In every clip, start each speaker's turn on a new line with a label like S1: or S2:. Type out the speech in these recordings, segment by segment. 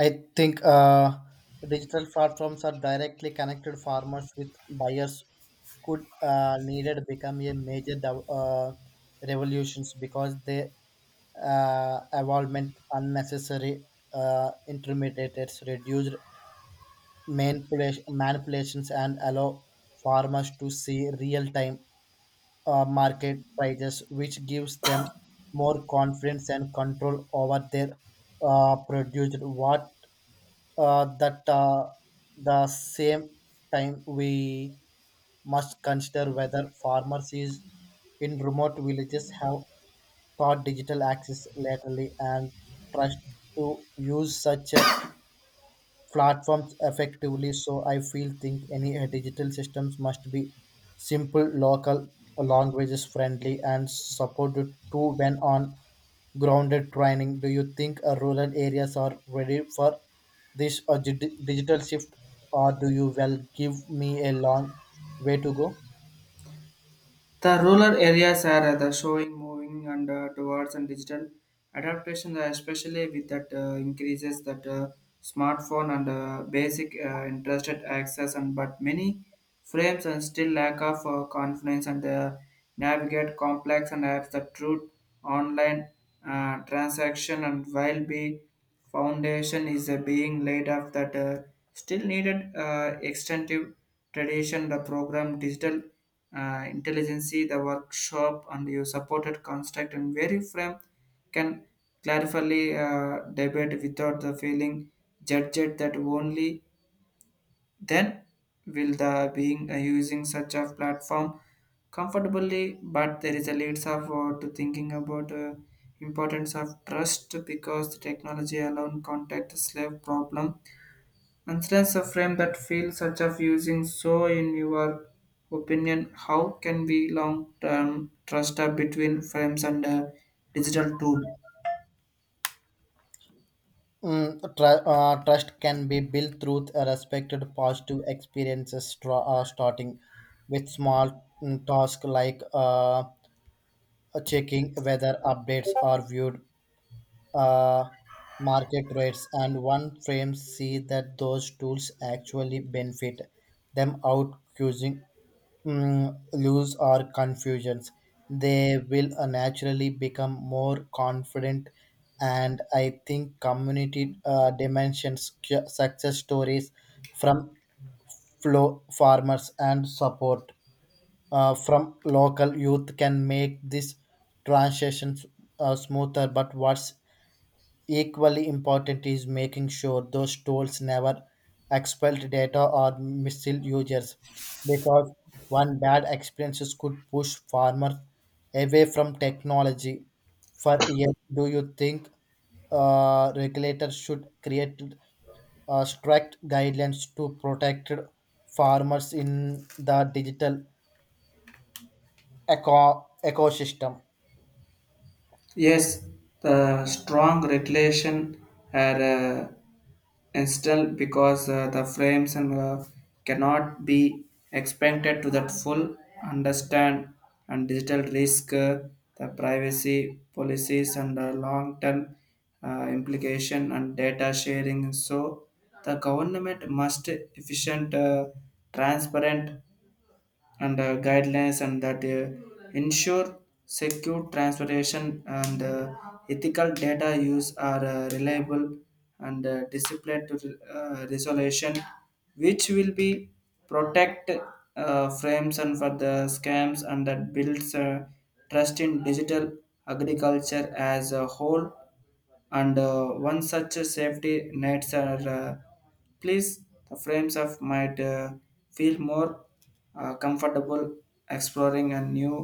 S1: I think digital platforms are directly connected farmers with buyers could needed become a major revolutions because they involvement unnecessary intermediates reduced manipulations and allow farmers to see real-time market prices which gives them more confidence and control over their produced what that the same time we must consider whether farmers is in remote villages have taught digital access lately and trust to use such a platforms effectively. So I feel think any digital systems must be simple, local, languages friendly, and supported too when on grounded training. Do you think rural areas are ready for this digital shift, or do you well give me a long way to go?
S2: The rural areas are the showing moving and towards and digital adaptation, especially with that increases that smartphone and basic interested access and but many frames and still lack of confidence and navigate complex and apps that truth online transaction and while be foundation is being laid off that still needed extensive tradition the program digital intelligence, the workshop, and you supported construct and very frame can clarifyly debate without the feeling judged that only then will the being using such a platform comfortably, but there is a leads of to thinking about importance of trust because the technology alone contact slave problem Instance a frame that feels such of using. So in your opinion how can we long term trust up between frames and digital tool?
S1: Trust can be built through a respected positive experiences, starting with small tasks like checking whether updates are viewed uh, market rates and one frame see that those tools actually benefit them out causing lose or confusions they will naturally become more confident and I think community dimensions success stories from flow farmers and support from local youth can make this transition smoother. But what's equally important is making sure those tools never expel data or mislead users, because one bad experiences could push farmers away from technology for years. Do you think regulators should create strict guidelines to protect farmers in the digital ecosystem.
S2: Yes, the strong regulation are and still because the frames and cannot be expected to that full understand and digital risk, the privacy policies and long term implication and data sharing. So the government must efficient transparent and guidelines and that ensure secure transportation and ethical data use are reliable and disciplined to resolution which will be protect frames and for the scams and that builds trust in digital agriculture as a whole. And one such safety nets are please the frames of might feel more comfortable exploring and new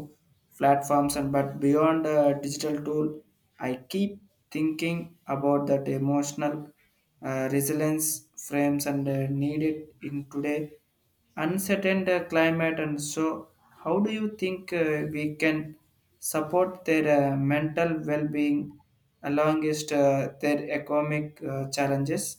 S2: platforms. And but beyond digital tool, I keep thinking about that emotional resilience frames and needed in today uncertain climate. And so how do you think we can support their mental well-being along with their economic challenges?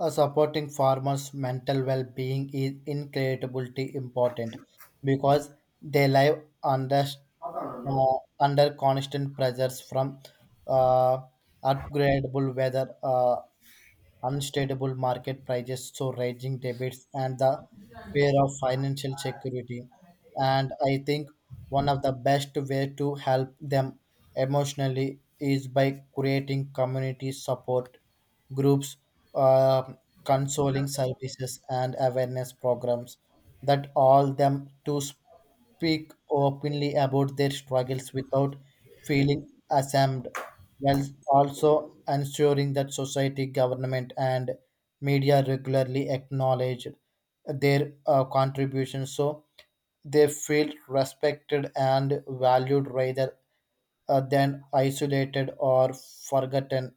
S1: Supporting farmers' mental well-being is incredibly important because they live under under constant pressures from uh, upgradable weather, unstable market prices, so rising debits and the fear of financial security. And I think one of the best way to help them emotionally is by creating community support groups, uh, consoling services, and awareness programs that all them to speak openly about their struggles without feeling ashamed while also ensuring that society, government, and media regularly acknowledge their contributions so they feel respected and valued rather than isolated or forgotten.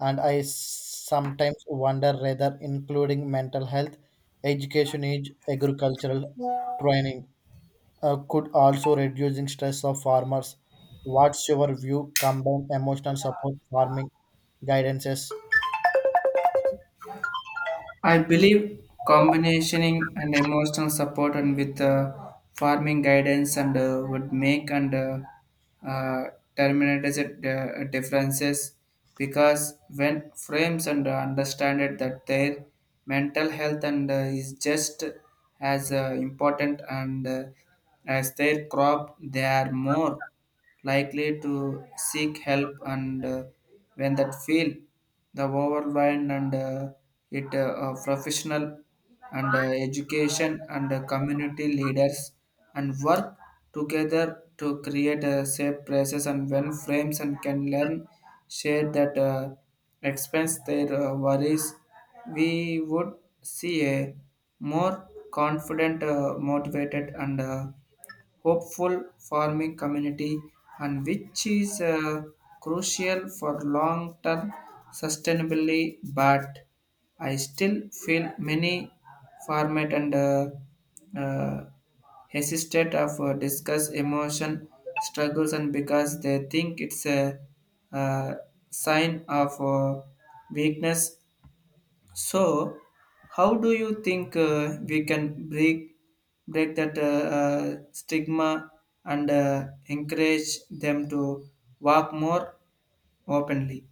S1: And I sometimes wonder whether including mental health education is agricultural training could also reducing stress of farmers. What's your view? Combine emotional support farming guidances,
S2: I believe combining and emotional support and with farming guidance and would make and uh, terminators differences because when frames and understand it that their mental health and is just as important and as their crop, they are more likely to seek help. And when that feel the overland and it professional and education and community leaders and work together to create a safe places. And when frames and can learn share that expense their worries, we would see a more confident motivated and hopeful farming community and which is crucial for long-term sustainability. But I still feel many farmers and uh, hesitate of discuss emotion struggles and because they think it's a, uh sign of weakness. So, how do you think we can break that uh, stigma and encourage them to walk more openly?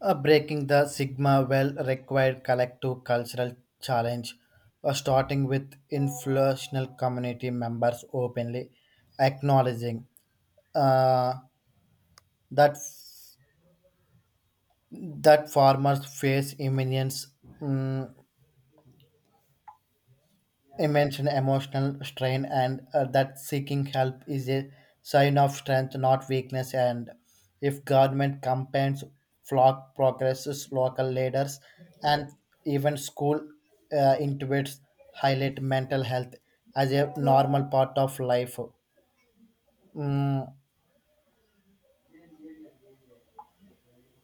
S1: breaking the sigma well required collective cultural challenge, starting with influential community members openly acknowledging uh, that that farmers face immense mm, immense emotional strain and that seeking help is a sign of strength not weakness and if government campaigns flock progresses local leaders and even school intuits highlight mental health as a normal part of life. Mm,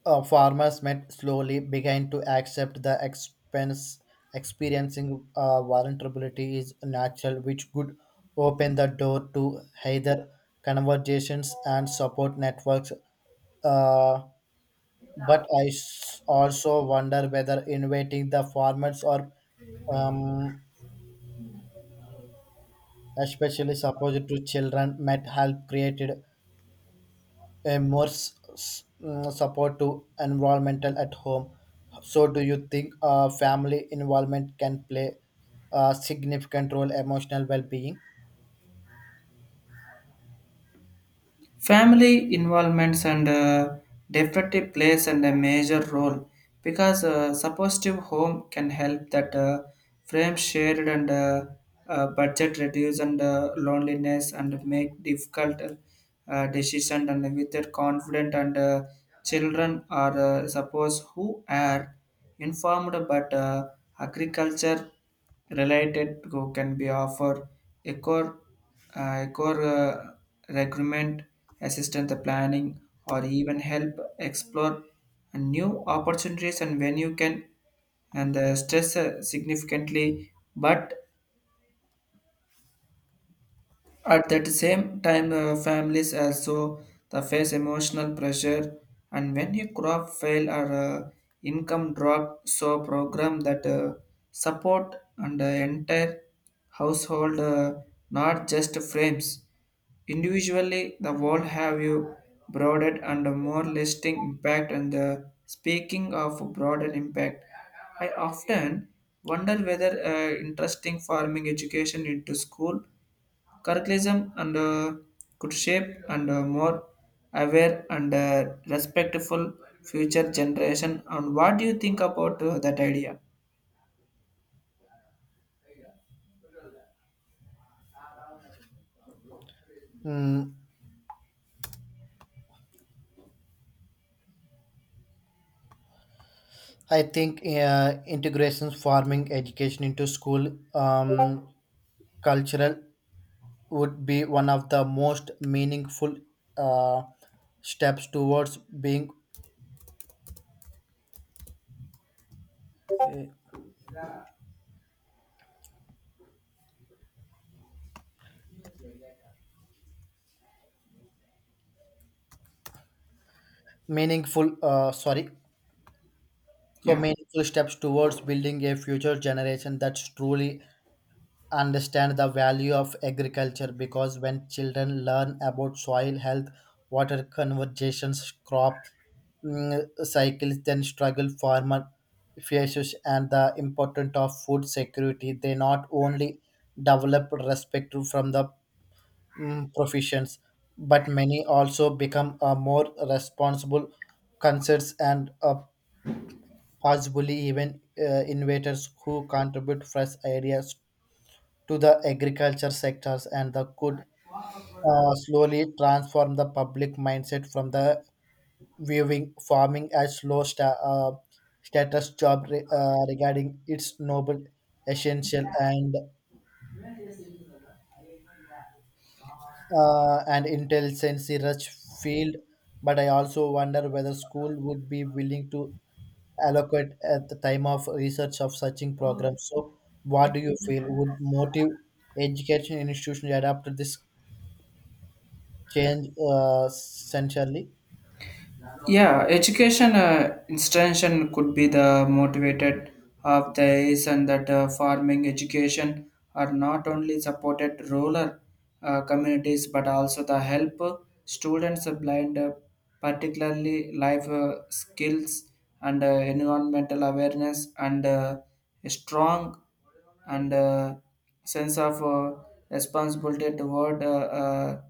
S1: Farmers met slowly began to accept the expense experiencing vulnerability is natural which could open the door to either conversations and support networks, uh, but also wonder whether inviting the farmers or um, especially supposed to children might help created a more support to environmental at home. So, do you think family involvement can play a significant role emotional well-being?
S2: Family involvements and definitely plays and a major role because supportive home can help that frame shared and budget reduce and loneliness and make difficult decision and with their confident. And children are suppose who are informed but agriculture related go can be offered a core, a core recruitment assistance the planning or even help explore new opportunities and when you can and the stress significantly. But at that same time, families also the face emotional pressure, and when a crop fail or income drop, so program that support and entire household, not just frames. Individually, the world have you broadened and more lasting impact. And the speaking of broader impact, I often wonder whether interesting farming education into school Curriculum and could shape and more aware and respectful future generation. And what do you think about that idea?
S1: Mm, I think integration farming education into school cultural would be one of the most meaningful uh, steps towards being meaningful. Sorry, so
S2: Yeah.
S1: meaningful steps towards building a future generation that's truly understand the value of agriculture because when children learn about soil health, water conversations, crop cycles, then struggle farmer fishes and the importance of food security, they not only develop respect from the professions, but many also become a more responsible concerns and possibly even innovators who contribute fresh ideas to the agriculture sectors and that could slowly transform the public mindset from the viewing farming as low status job regarding its noble essential and and intelligence rich field but I also wonder whether school would be willing to allocate at the time of research of searching programs so what do you feel would motive education institutions to adapt to this change centrally.
S2: Yeah, education institution could be the motivated of the is and that farming education are not only supported rural communities, but also the help students blind particularly life skills and environmental awareness and strong and sense of responsibility toward uh,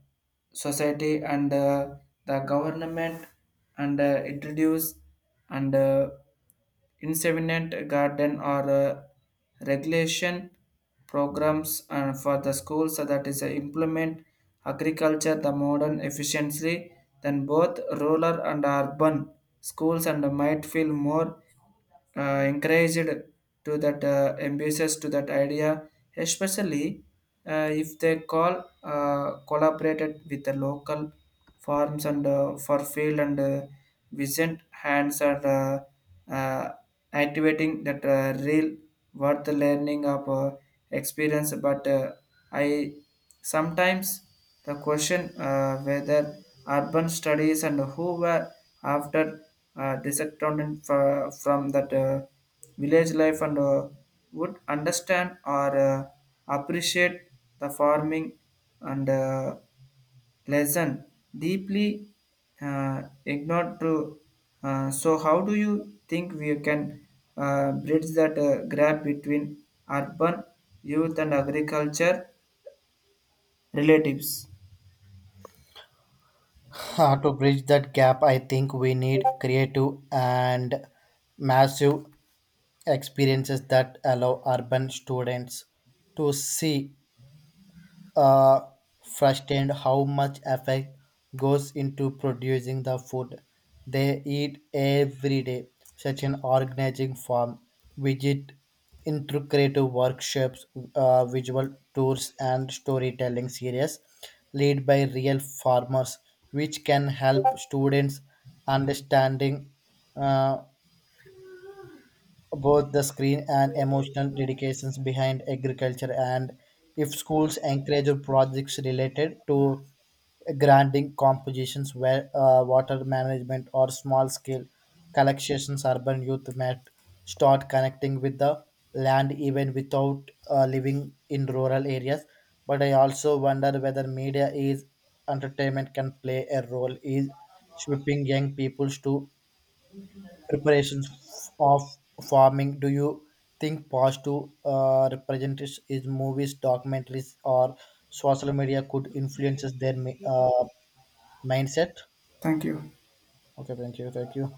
S2: society. And the government and introduce and inseminate garden or regulation programs for the schools so that is implement agriculture the modern efficiently, then both rural and urban schools and might feel more encouraged to that ambitious to that idea, especially if they call collaborated with the local farms and for field and vision hands are uh, uh, activating that real worth learning of experience. But I sometimes the question whether urban studies and who were after disconnected from that village life and would understand or appreciate the farming and lesson deeply ignored to so how do you think we can bridge that gap between urban youth and agriculture relatives.
S1: To bridge that gap, I think we need creative and massive experiences that allow urban students to see uh, firsthand how much effort goes into producing the food they eat every day. Such an organizing farm, visit intricate workshops, visual tours, and storytelling series led by real farmers, which can help students understanding uh, both the screen and emotional dedications behind agriculture and if schools encourage projects related to grinding compositions where water management or small scale collections urban youth might start connecting with the land even without living in rural areas but I also wonder whether media is entertainment can play a role in shaping young peoples to preparations of farming do you think positive representatives is movies documentaries or social media could influences their mindset.
S2: Thank you.
S1: Okay, thank you, thank you.